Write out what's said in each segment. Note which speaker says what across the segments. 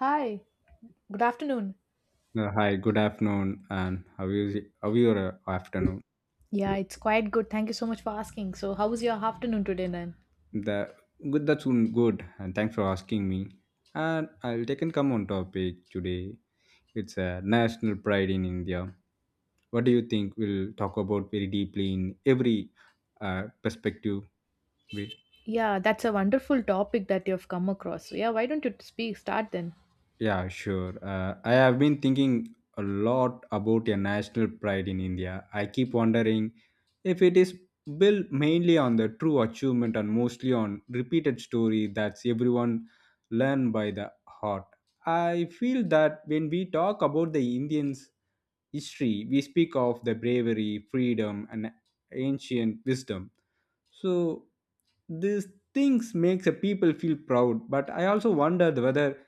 Speaker 1: Hi, good afternoon.
Speaker 2: Hi, good afternoon, and how your afternoon?
Speaker 1: Yeah, it's quite good. Thank you so much for asking. So, how was your afternoon today then?
Speaker 2: The good, good, and thanks for asking me. And I'll take and come on topic today. It's a national pride in India. What do you think? We'll talk about very deeply in every perspective.
Speaker 1: Yeah, that's a wonderful topic that you've come across. So, yeah, why don't you speak start then?
Speaker 2: Yeah, sure. I have been thinking a lot about a national pride in India. I keep wondering if it is built mainly on the true achievement and mostly on repeated story that's everyone learn by the heart. I feel that when we talk about the Indians' history, we speak of the bravery, freedom, and ancient wisdom. So these things makes a people feel proud. But I also wondered whether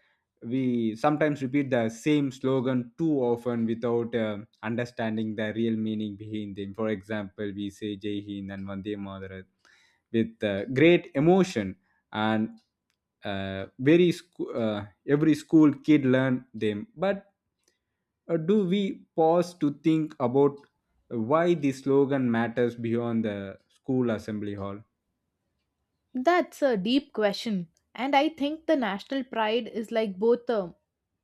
Speaker 2: we sometimes repeat the same slogan too often without understanding the real meaning behind them. For example, we say Jai Hind and Vande Mataram with great emotion, and uh, very sc- every school kid learn them. But do we pause to think about why the slogan matters beyond the school assembly hall?
Speaker 1: That's a deep question. And I think the national pride is like both a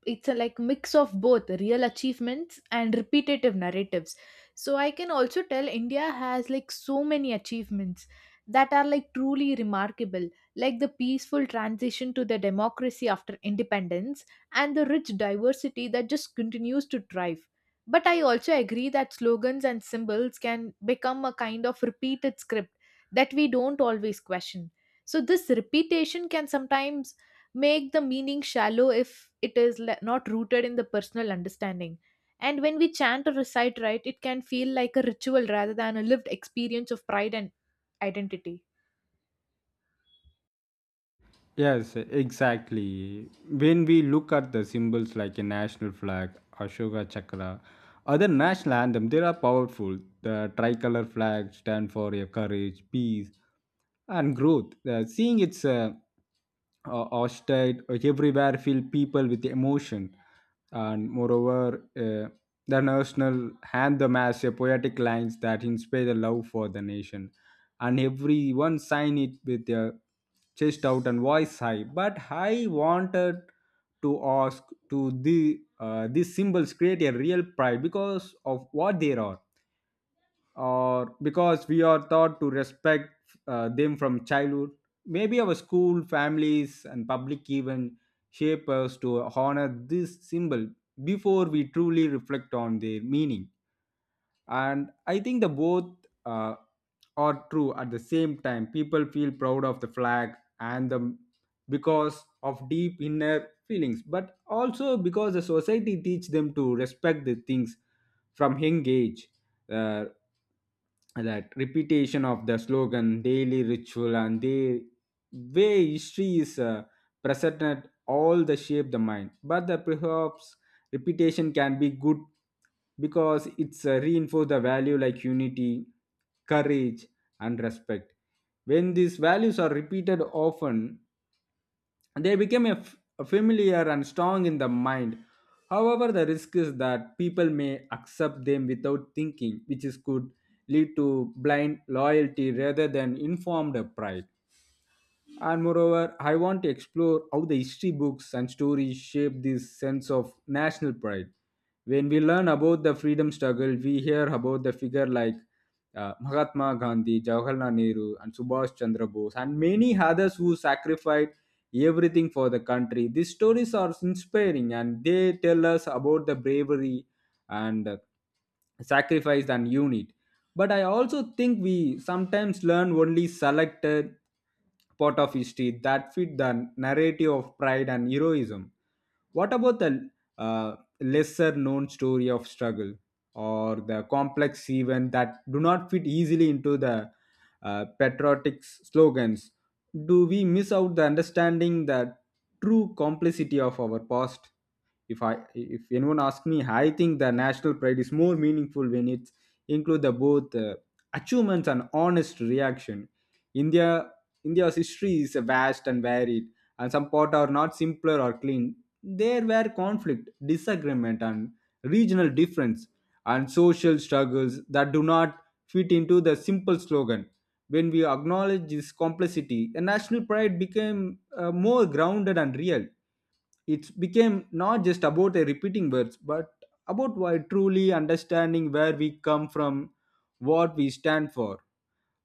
Speaker 1: it's a like mix of both real achievements and repetitive narratives. So I can also tell India has like so many achievements that are like truly remarkable, like the peaceful transition to the democracy after independence and the rich diversity that just continues to thrive. But I also agree that slogans and symbols can become a kind of repeated script that we don't always question. So this repetition can sometimes make the meaning shallow if it is not rooted in the personal understanding. And when we chant or recite, right, it can feel like a ritual rather than a lived experience of pride and identity.
Speaker 2: Yes, exactly. When we look at the symbols like a national flag, Ashoka Chakra, other national anthem, they are powerful. The tricolor flag stand for your courage, peace, and growth. Seeing its hostile everywhere fill people with emotion, and moreover, the national anthem has a poetic lines that inspire the love for the nation and everyone signed it with their chest out and voice high. But I wanted to ask to the these symbols create a real pride because of what they are, or because we are taught to respect them from childhood. Maybe our school, families, and public even shape us to honor this symbol before we truly reflect on their meaning, and I think the both uh, are true. At the same time, people feel proud of the flag and the because of deep inner feelings, but also because the society teach them to respect the things from young age. Uh, that repetition of the slogan daily ritual and the way history is presented all the shape the mind, but the perhaps repetition can be good because it's reinforce the value like unity, courage, and respect. When these values are repeated often, they become a familiar and strong in the mind. However, the risk is that people may accept them without thinking, which is, could lead to blind loyalty rather than informed pride. And moreover, I want to explore how the history books and stories shape this sense of national pride. When we learn about the freedom struggle, we hear about the figure like Mahatma Gandhi, Jawaharlal Nehru, and Subhash Chandra Bose, and many others who sacrificed everything for the country. These stories are inspiring and they tell us about the bravery and sacrifice and unity. But I also think we sometimes learn only selected part of history that fit the narrative of pride and heroism. What about the uh, lesser known story of struggle or the complex event that do not fit easily into the patriotic slogans? Do we miss out the understanding the true complexity of our past? If anyone asks me, I think the national pride is more meaningful when it's include the both achievements and honest reaction. India India's history is vast and varied, and some parts are not simpler or clean. There were conflict, disagreement, and regional difference, and social struggles that do not fit into the simple slogan. When we acknowledge this complexity, a national pride became more grounded and real. It became not just about a repeating words but about why truly understanding where we come from, what we stand for.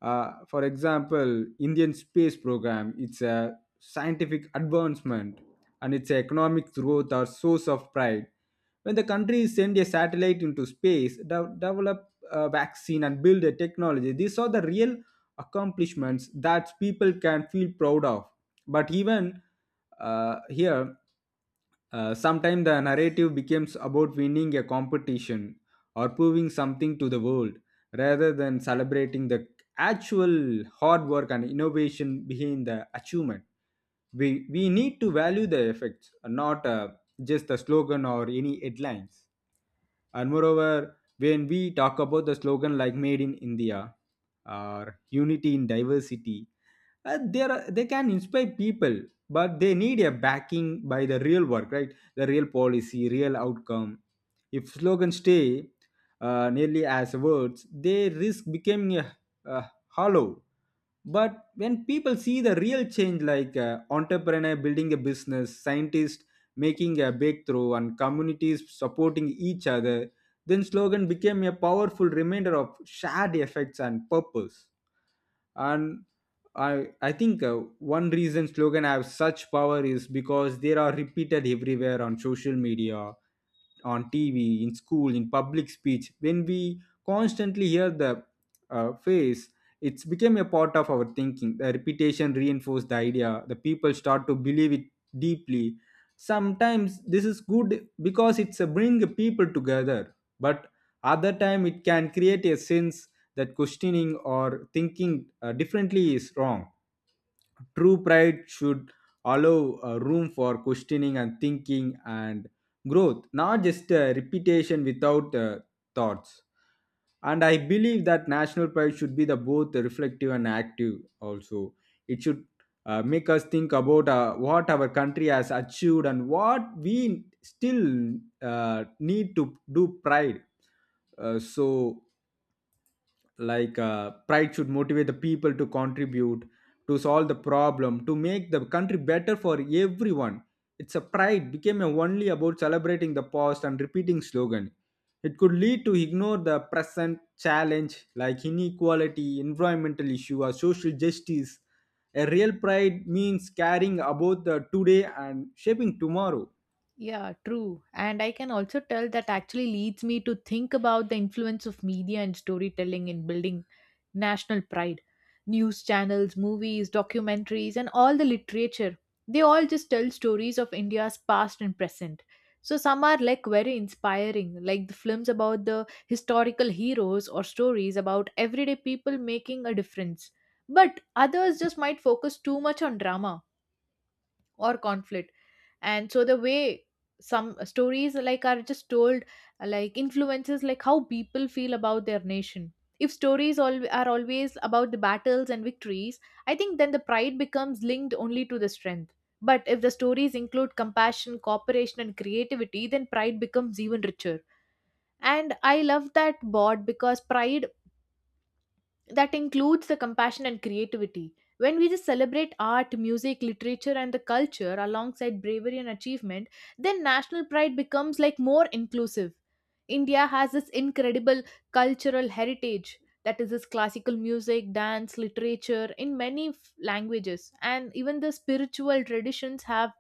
Speaker 2: For example, Indian space program, it's a scientific advancement and its economic growth are source of pride. When the country send a satellite into space, develop a vaccine and build a technology, these are the real accomplishments that people can feel proud of. But even here, sometimes the narrative becomes about winning a competition or proving something to the world rather than celebrating the actual hard work and innovation behind the achievement. We need to value the effects, not just the slogan or any headlines. And moreover, when we talk about the slogan like Made in India or Unity in Diversity, they can inspire people, but they need a backing by the real work, right? The real policy, real outcome. If slogans stay nearly as words, they risk becoming a hollow. But when people see the real change like entrepreneur building a business, scientist making a breakthrough, and communities supporting each other, then slogan became a powerful reminder of shared effects and purpose. And I think one reason slogan have such power is because they are repeated everywhere: on social media, on TV, in school, in public speech. When we constantly hear the phrase, it's become a part of our thinking. The repetition reinforces the idea, the people start to believe it deeply. Sometimes this is good because it's a bring people together, but other time it can create a sense that questioning or thinking differently is wrong. True pride should allow room for questioning and thinking and growth, not just repetition without thoughts. And I believe that national pride should be the both reflective and active. Also, it should make us think about what our country has achieved and what we still need to do pride. So like pride should motivate the people to contribute, to solve the problem, to make the country better for everyone. It's a pride became a only about celebrating the past and repeating slogan, it could lead to ignore the present challenge like inequality, environmental issue, or social justice. A real pride means caring about the today and shaping tomorrow.
Speaker 1: Yeah, true. And I can also tell that actually leads me to think about the influence of media and storytelling in building national pride. News channels, movies, documentaries, and all the literature, they all just tell stories of India's past and present. So some are like very inspiring, like the films about the historical heroes or stories about everyday people making a difference. But others just might focus too much on drama or conflict. And so the way some stories like are just told, like influences like how people feel about their nation. If stories are always about the battles and victories, I think then the pride becomes linked only to the strength. But if the stories include compassion, cooperation, and creativity, then pride becomes even richer. And I love that board, because pride that includes the compassion and creativity. When we just celebrate art, music, literature, and the culture alongside bravery and achievement, then national pride becomes like more inclusive. India has this incredible cultural heritage, that is this classical music, dance, literature in many languages, and even the spiritual traditions have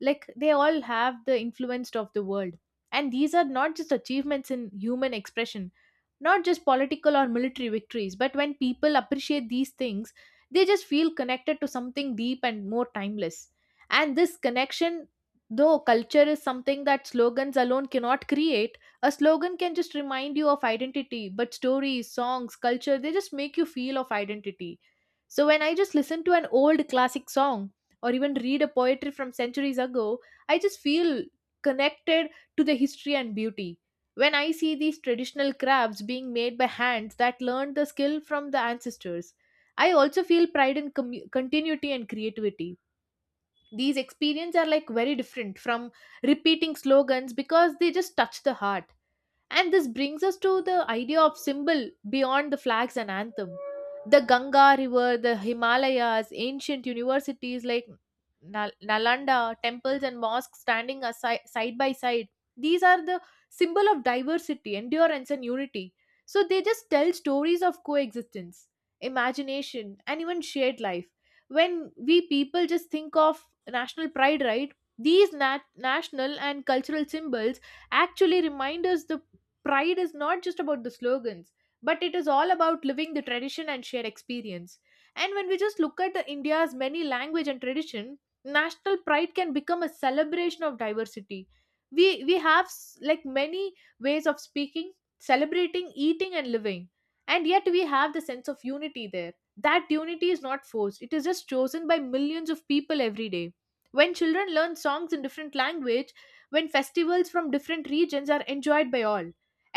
Speaker 1: like they all have the influence of the world. And these are not just achievements in human expression, not just political or military victories. But when people appreciate these things, they just feel connected to something deep and more timeless. And this connection though culture is something that slogans alone cannot create. A slogan can just remind you of identity, but stories, songs, culture, they just make you feel of identity. So when I just listen to an old classic song or even read a poetry from centuries ago, I just feel connected to the history and beauty. When I see these traditional crafts being made by hands that learned the skill from the ancestors, I also feel pride in continuity and creativity. These experiences are like very different from repeating slogans because they just touch the heart. And this brings us to the idea of symbol beyond the flags and anthem. The Ganga River, the Himalayas, ancient universities like Nalanda, temples and mosques standing aside, side by side. These are the symbol of diversity, endurance, and unity. So they just tell stories of coexistence, imagination, and even shared life. When we people just think of national pride, right? These national and cultural symbols actually remind us the pride is not just about the slogans, but it is all about living the tradition and shared experience. And when we just look at the India's many language and tradition, national pride can become a celebration of diversity. We have like many ways of speaking, celebrating, eating, and living, and yet we have the sense of unity there. That unity is not forced, it is just chosen by millions of people every day. When children learn songs in different language, when festivals from different regions are enjoyed by all,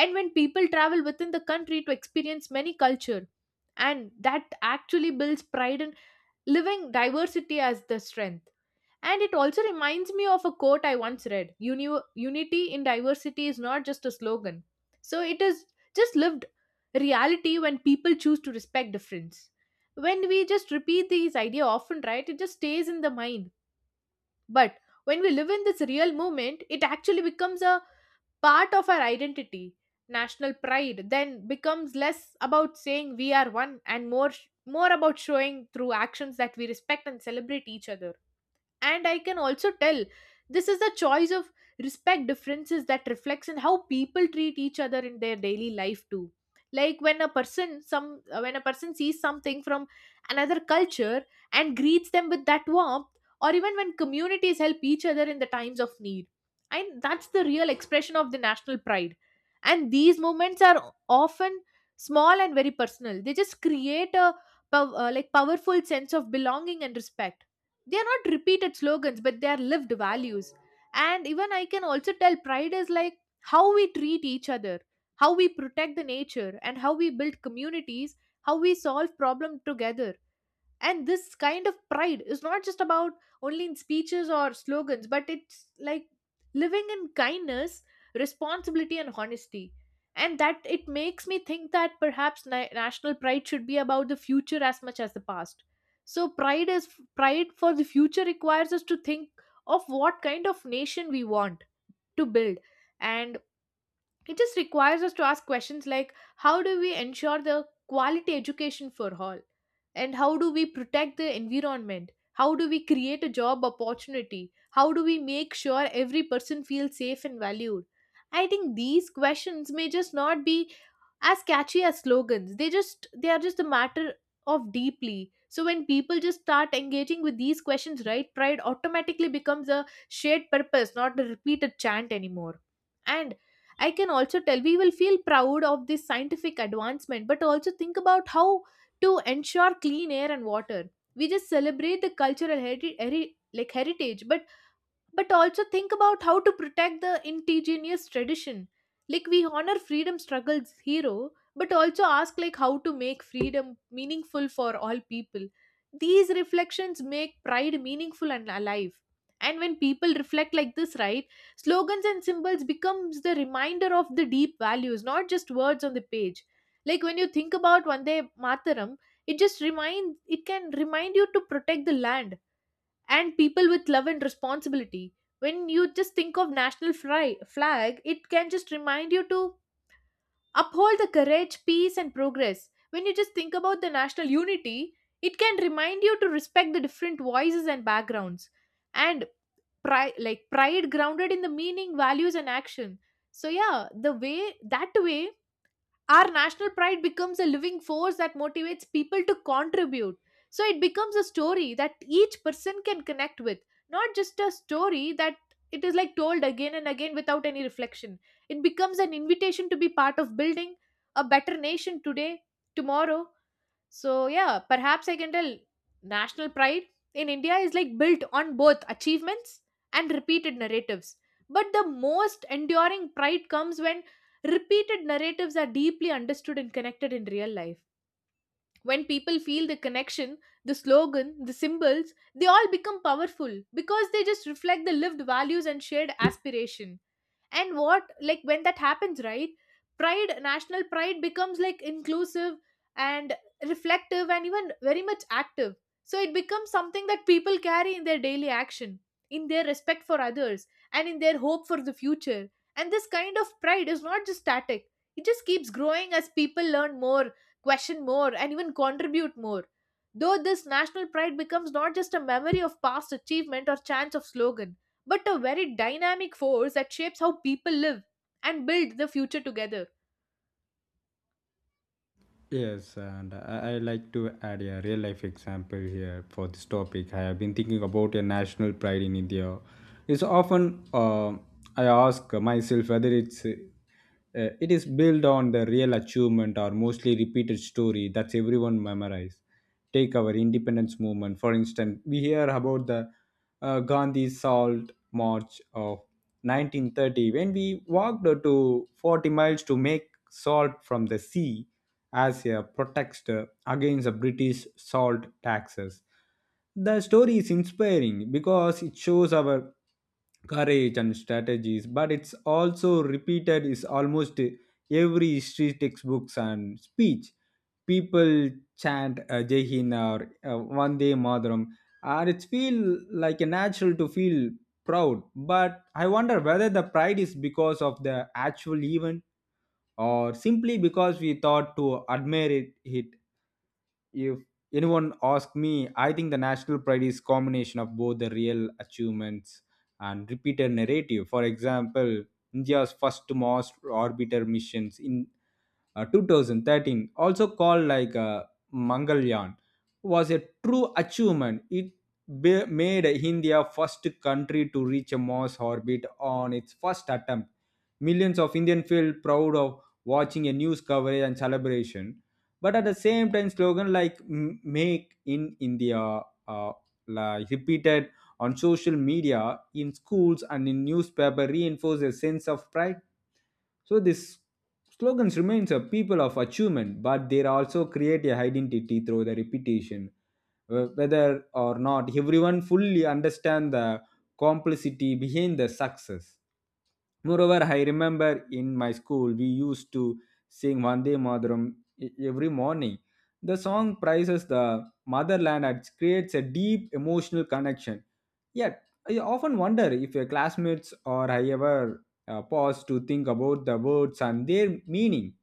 Speaker 1: and when people travel within the country to experience many culture, and that actually builds pride in living diversity as the strength. And it also reminds me of a quote I once read: unity in diversity is not just a slogan, so it is just lived reality when people choose to respect difference. When we just repeat these idea often, right, it just stays in the mind. But when we live in this real moment, it actually becomes a part of our identity. National pride then becomes less about saying we are one and more about showing through actions that we respect and celebrate each other. And I can also tell this is a choice of respect differences that reflects in how people treat each other in their daily life too. Like when a person some when a person sees something from another culture and greets them with that warmth, or even when communities help each other in the times of need, and that's the real expression of the national pride. And these moments are often small and very personal. They just create a like powerful sense of belonging and respect. They are not repeated slogans, but they are lived values. And even I can also tell pride is like how we treat each other, how we protect the nature, and how we build communities, how we solve problem together. And this kind of pride is not just about only in speeches or slogans, but it's like living in kindness, responsibility, and honesty. And that it makes me think that perhaps national pride should be about the future as much as the past. so pride is Pride for the future requires us to think of what kind of nation we want to build. And it just requires us to ask questions like, how do we ensure the quality education for all? And how do we protect the environment? How do we create a job opportunity? How do we make sure every person feels safe and valued? I think these questions may just not be as catchy as slogans, they are just a matter of deeply. So when people just start engaging with these questions, right, pride automatically becomes a shared purpose, not a repeated chant anymore. And I can also tell we will feel proud of this scientific advancement, but also think about how to ensure clean air and water. We just celebrate the cultural like heritage, but also think about how to protect the indigenous tradition. Like we honor freedom struggles hero, but also ask like how to make freedom meaningful for all people. These reflections make pride meaningful and alive. And when people reflect like this, right, slogans and symbols becomes the reminder of the deep values, not just words on the page. Like when you think about one day mataram, it just remind it can remind you to protect the land and people with love and responsibility. When you just think of national flag, it can just remind you to uphold the courage, peace, and progress. When you just think about the national unity, it can remind you to respect the different voices and backgrounds. And pride grounded in the meaning, values, and action. So yeah, the way that way, our national pride becomes a living force that motivates people to contribute. So it becomes a story that each person can connect with, not just a story that it is like told again and again without any reflection. It becomes an invitation to be part of building a better nation today, tomorrow. So yeah, perhaps I can tell national pride in India is like built on both achievements and repeated narratives. But the most enduring pride comes when repeated narratives are deeply understood and connected in real life. When people feel the connection, the slogan, the symbols, they all become powerful because they just reflect the lived values and shared aspiration. And what like when that happens, right, pride national pride becomes like inclusive and reflective and even very much active. So it becomes something that people carry in their daily action, in their respect for others, and in their hope for the future. And this kind of pride is not just static, it just keeps growing as people learn more, question more, and even contribute more. Though this national pride becomes not just a memory of past achievement or chance of slogan, but a very dynamic force that shapes how people live and build the future together.
Speaker 2: Yes, and I like to add a real life example here for this topic. I have been thinking about a national pride in India. It's often I ask myself whether it is built on the real achievement or mostly repeated story that's everyone memorize. Take our independence movement, for instance, we hear about the Gandhi Salt March of 1930 when we walked to 40 miles to make salt from the sea as a protest against the British salt taxes. The story is inspiring because it shows our courage and strategies, but it's also repeated is almost every history textbooks and speech. People chant jai hind or vande madaram, and it feel like a natural to feel proud. But I wonder whether the pride is because of the actual event, or simply because we thought to admire it. If anyone asks me, I think the national pride is combination of both the real achievements and repeated narrative. For example, india's first mars orbiter missions in 2013, also called like mangalyaan, was a true achievement. It made india first country to reach a mars orbit on its first attempt. Millions of indian feel proud of watching a news coverage and celebration. But at the same time, slogan like " make in india," uh, like repeated on social media, in schools, and in newspaper reinforce a sense of pride. So these slogans remains a people of achievement, but they also create a identity through the repetition. Whether or not everyone fully understand the complexity behind the success. Moreover, I remember in my school we used to sing Vande Mataram every morning. The song praises the motherland and creates a deep emotional connection. Yeah, I often wonder if your classmates or I ever pause to think about the words and their meaning.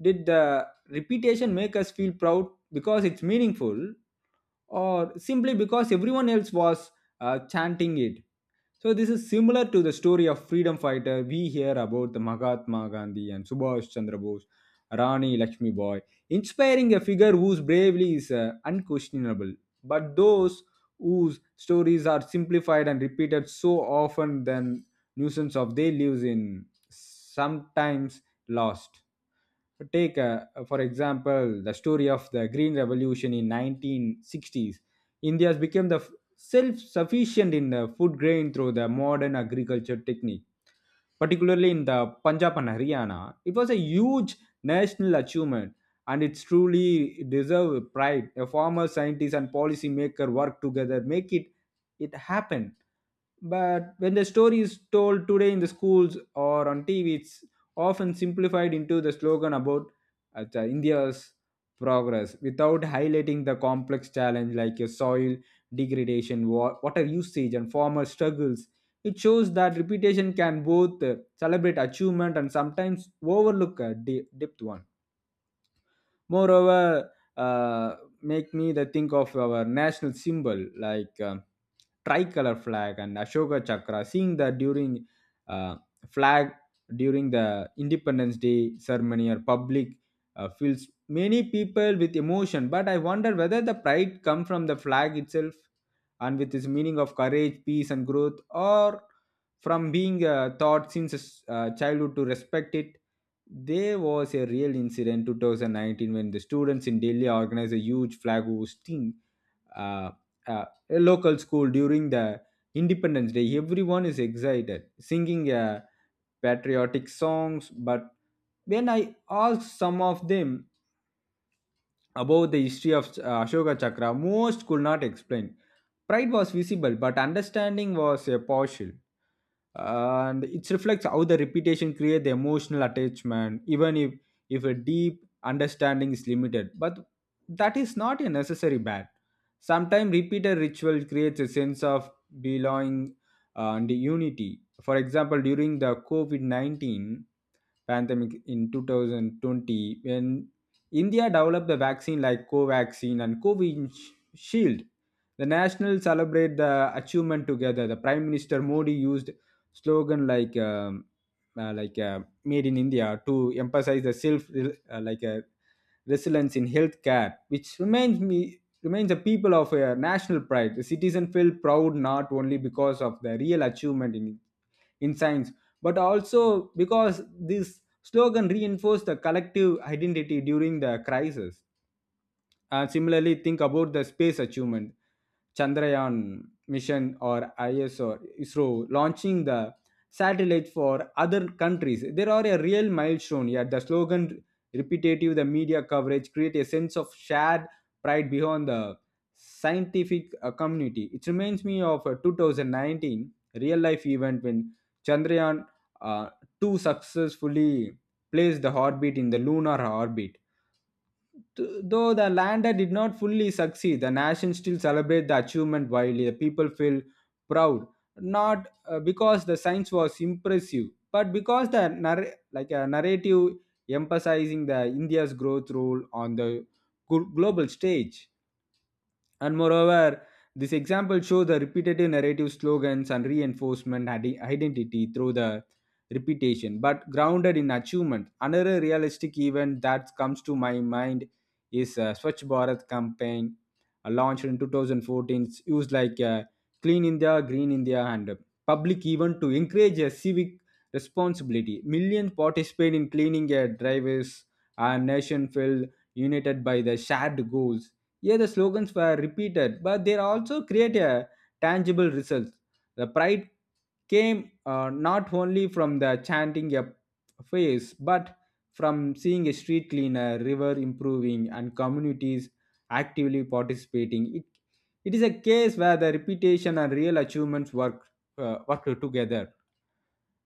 Speaker 2: Did the repetition make us feel proud because it's meaningful, or simply because everyone else was chanting it? So this is similar to the story of freedom fighter. We hear about the Mahatma Gandhi and Subhash Chandra Bose, Rani Lakshmi Boy, inspiring a figure whose bravery is unquestionable. But those whose stories are simplified and repeated so often, then nuisance of they lives in sometimes lost. Take, for example, the story of the Green Revolution in 1960s. India became the self sufficient in the food grain through the modern agriculture technique, particularly in the Punjab and Haryana. It was a huge national achievement and it's truly deserve pride. A farmer, scientist, and policymaker work together, make it happen. But when the story is told today in the schools or on TV, it's often simplified into the slogan about the India's progress without highlighting the complex challenge like your soil degradation, water usage, and farmer struggles. It shows that reputation can both celebrate achievement and sometimes overlook depth one. Moreover, uh, make me the think of our national symbol like tricolor flag and Ashoka Chakra. Seeing that during uh, flag during the Independence Day ceremony or public, fills many people with emotion, but I wonder whether the pride come from the flag itself and with its meaning of courage, peace and growth, or from being taught since childhood to respect it. There was a real incident 2019 when the students in Delhi organized a huge flag hosting uh, a local school during the Independence Day. Everyone is excited, singing patriotic songs. But when I asked some of them about the history of Ashoka Chakra, most could not explain. Pride was visible, but understanding was partial, and it reflects how the repetition creates the emotional attachment even if a deep understanding is limited. But that is not a necessary bad. Sometimes repeated ritual creates a sense of belonging and unity. For example, during the covid-19 pandemic in 2020, when India developed the vaccine like Covaxin and Covid Shield, the national celebrate the achievement together. The Prime Minister Modi used slogan like made in India, to emphasize the self resilience in healthcare, which reminds the people of a national pride. The citizen feel proud not only because of the real achievement in science, but also because this slogan reinforced the collective identity during the crisis. And similarly, think about the space achievement, Chandrayaan mission or ISO, ISRO launching the satellite for other countries. There are a real milestone here. The slogan, repetitive, the media coverage create a sense of shared pride beyond the scientific community. It reminds me of a 2019 real life event when Chandrayaan uh, 2 successfully placed the orbit in the lunar orbit. Though the lander did not fully succeed, the nation still celebrate the achievement widely. The people feel proud, not because the science was impressive, but because the like a narrative emphasizing the India's growth role on the global stage. And moreover, this example shows the repetitive narrative slogans and reinforcement identity through the repetition, but grounded in achievement. Another realistic event that comes to my mind is Swachh Bharat campaign, launched in 2014. It's used like Clean India, Green India, and public event to encourage a civic responsibility. Millions participate in cleaning their drivers. Our nation felt united by the shared goals. Yeah, the slogans were repeated, but they also create a tangible results. The pride came not only from the chanting a face, but from seeing a street cleaner, river improving, and communities actively participating. It is a case where the reputation and real achievements work together.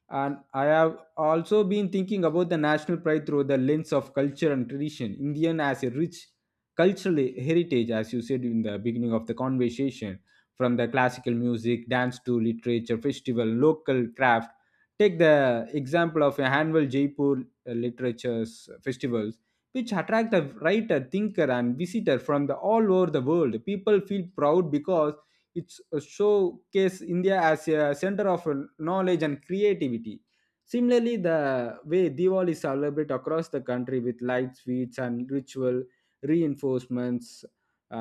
Speaker 2: And I have also been thinking about the national pride through the lens of culture and tradition. Indian as a rich cultural heritage, as you said in the beginning of the conversation, from the classical music, dance to literature, festival, local craft. Take the example of a annual Jaipur literature's festivals, which attract the writer, thinker, and visitor from the all over the world. People feel proud because it's a showcase India as a center of knowledge and creativity. Similarly, the way Diwali is celebrated across the country with light sweets and ritual reinforcements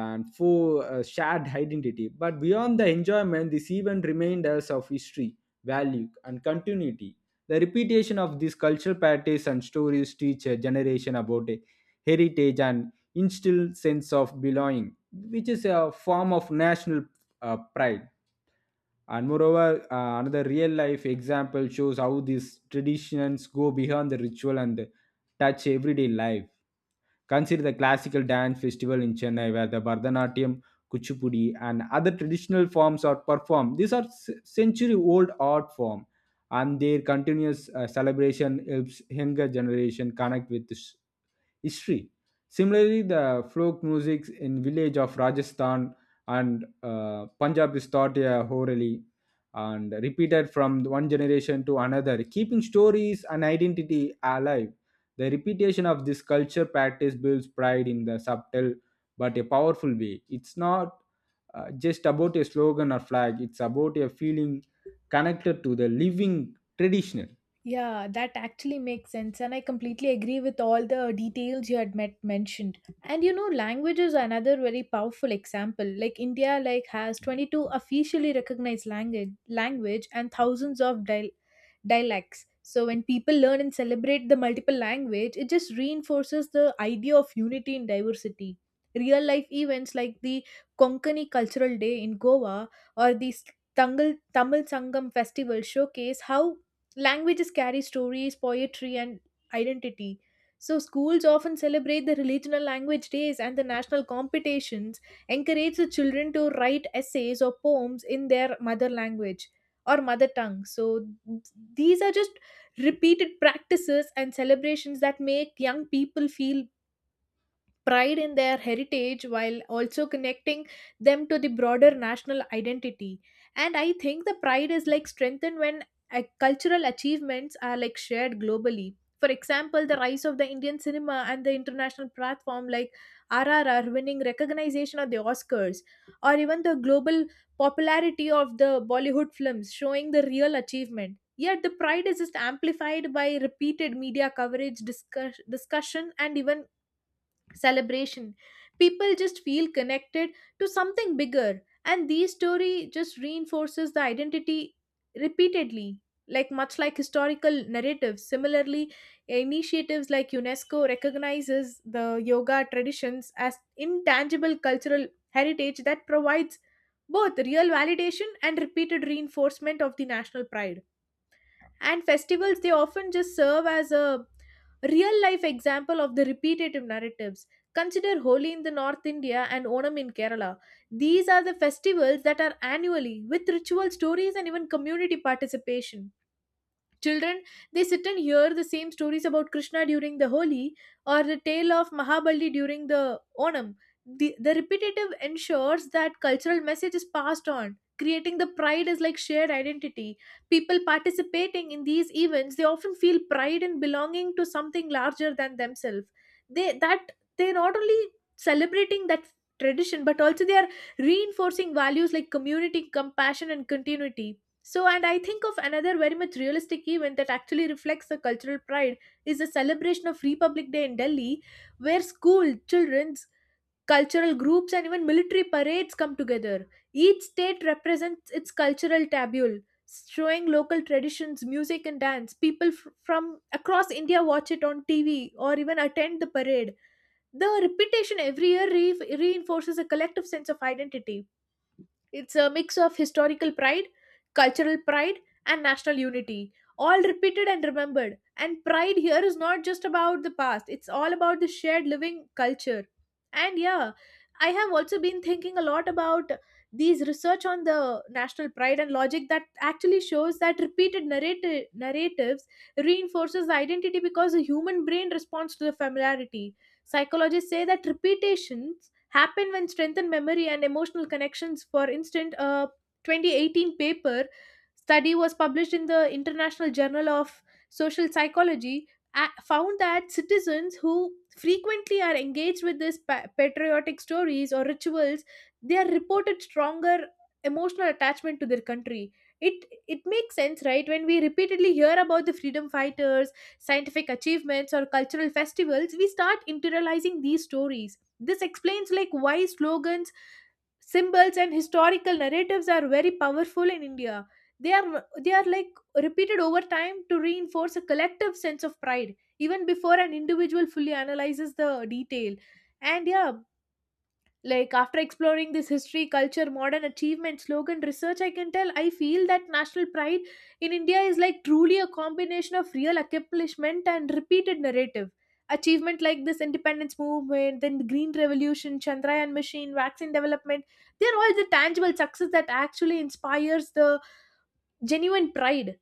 Speaker 2: and for shared identity. But beyond the enjoyment, this event remained us of history, value and continuity. The repetition of these cultural practices and stories teach a generation about a heritage and instill sense of belonging, which is a form of national pride. And moreover, another real life example shows how these traditions go beyond the ritual and touch everyday life. Consider the classical dance festival in Chennai, where the Bharatanatyam, Kuchipudi, and other traditional forms are performed. These are century old art form, and their continuous celebration helps younger generation connect with this history. Similarly, the folk music in village of Rajasthan and Punjab is taught orally and repeated from one generation to another, keeping stories and identity alive. The repetition of this culture practice builds pride in the subtle but a powerful way. It's not just about a slogan or flag, it's about a feeling connected to the living traditional.
Speaker 1: Yeah, that actually makes sense, and I completely agree with all the details you had met mentioned. And you know, language is another very powerful example. Like India, like has 22 officially recognized language, and thousands of dialects. So when people learn and celebrate the multiple language, it just reinforces the idea of unity in diversity. Real life events like the Konkani Cultural Day in Goa or the Tamil Sangam Festival showcase how languages carry stories, poetry, and identity. So, schools often celebrate the regional language days and the national competitions, encourage the children to write essays or poems in their mother language or mother tongue. So, these are just repeated practices and celebrations that make young people feel pride in their heritage while also connecting them to the broader national identity. And I think the pride is like strengthened when cultural achievements are like shared globally. For example, the rise of the Indian cinema and the international platform like RRR winning recognition at the Oscars, or even the global popularity of the Bollywood films showing the real achievement. Yet the pride is just amplified by repeated media coverage, discussion, and even celebration, people just feel connected to something bigger, and these story just reinforces the identity repeatedly, like much like historical narratives. Similarly, initiatives like unesco recognizes the yoga traditions as intangible cultural heritage that provides both real validation and repeated reinforcement of the national pride. And festivals, they often just serve as a real life example of the repetitive narratives. Consider holi in the north india and onam in kerala. These are the festivals that are annually with ritual stories and even community participation. Children, they sit and hear the same stories about Krishna during the Holi or the tale of Mahabali during the Onam. The repetitive ensures that cultural message is passed on, creating the pride as like shared identity. People participating in these events, they often feel pride in belonging to something larger than themselves. They that they're not only celebrating that tradition, but also they are reinforcing values like community, compassion, and continuity. So, and I think of another very much realistic event that actually reflects the cultural pride is the celebration of Republic Day in Delhi, where school, children's, cultural groups, and even military parades come together. Each state represents its cultural tabule, showing local traditions, music, and dance. From across India watch it on TV or even attend the parade. The repetition every year reinforces a collective sense of identity. It's a mix of historical pride, cultural pride, and national unity, all repeated and remembered. And pride here is not just about the past, it's all about the shared living culture. And yeah, I have also been thinking a lot about these research on the national pride and logic that actually shows that repeated narratives reinforces the identity because the human brain responds to the familiarity. Psychologists say that repetition happen when strengthened memory and emotional connections. For instance, a 2018 paper study was published in the International Journal of Social Psychology, found that citizens who frequently are engaged with these patriotic stories or rituals, they are reported stronger emotional attachment to their country. It makes sense, right? When we repeatedly hear about the freedom fighters, scientific achievements or cultural festivals, we start internalizing these stories. This explains like why slogans, symbols and historical narratives are very powerful in India. They are like repeated over time to reinforce a collective sense of pride even before an individual fully analyzes the detail. And yeah, like after exploring this history culture modern achievement slogan research, I can tell I feel that national pride in india is like truly a combination of real accomplishment and repeated narrative. Achievement like this independence movement, then the green revolution, chandrayaan machine, vaccine development, they're all the tangible success that actually inspires the genuine pride.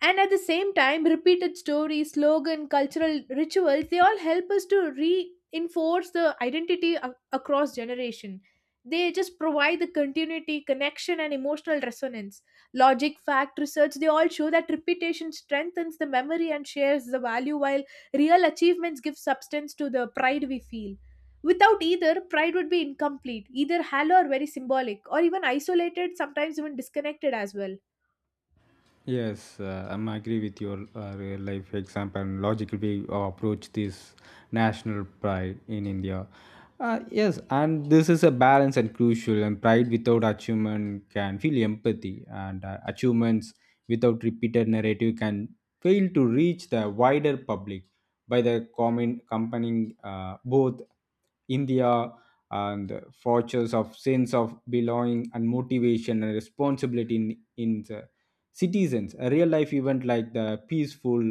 Speaker 1: And at the same time, repeated stories, slogan, cultural rituals, they all help us to reinforce the identity across generation. They just provide the continuity, connection and emotional resonance. Logic, fact, research, they all show that repetition strengthens the memory and shares the value, while real achievements give substance to the pride we feel. Without either, pride would be incomplete, either hollow or very symbolic or even isolated, sometimes even disconnected as well.
Speaker 2: Yes, I'm agree with your real life example and logically approach this national pride in India. Yes, and this is a balance and crucial. And pride without achievement can feel empathy, and achievements without repeated narrative can fail to reach the wider public by the common accompanying both India and the fortress of sense of belonging and motivation and responsibility in the citizens. A real life event like the peaceful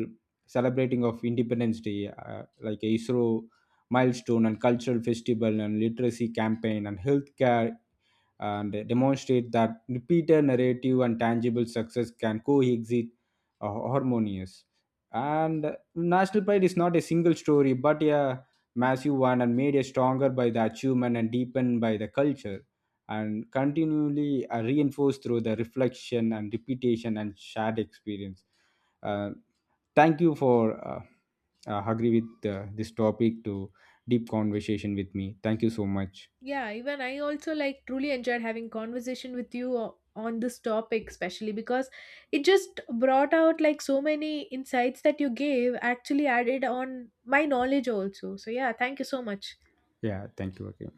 Speaker 2: celebrating of Independence Day, like a ISRO milestone and cultural festival and literacy campaign and healthcare, and demonstrate that repeated narrative and tangible success can coexist uh, harmonious. And national pride is not a single story but a massive one, and made a stronger by the achievement and deepened by the culture and continually reinforced through the reflection and repetition and shared experience. Uh, thank you for uh, agree with this topic to deep conversation with me. Thank you so much.
Speaker 1: Yeah, even I also like truly enjoyed having conversation with you on this topic, especially because it just brought out like so many insights that you gave actually added on my knowledge also. So yeah, thank you so much.
Speaker 2: Yeah, thank you again.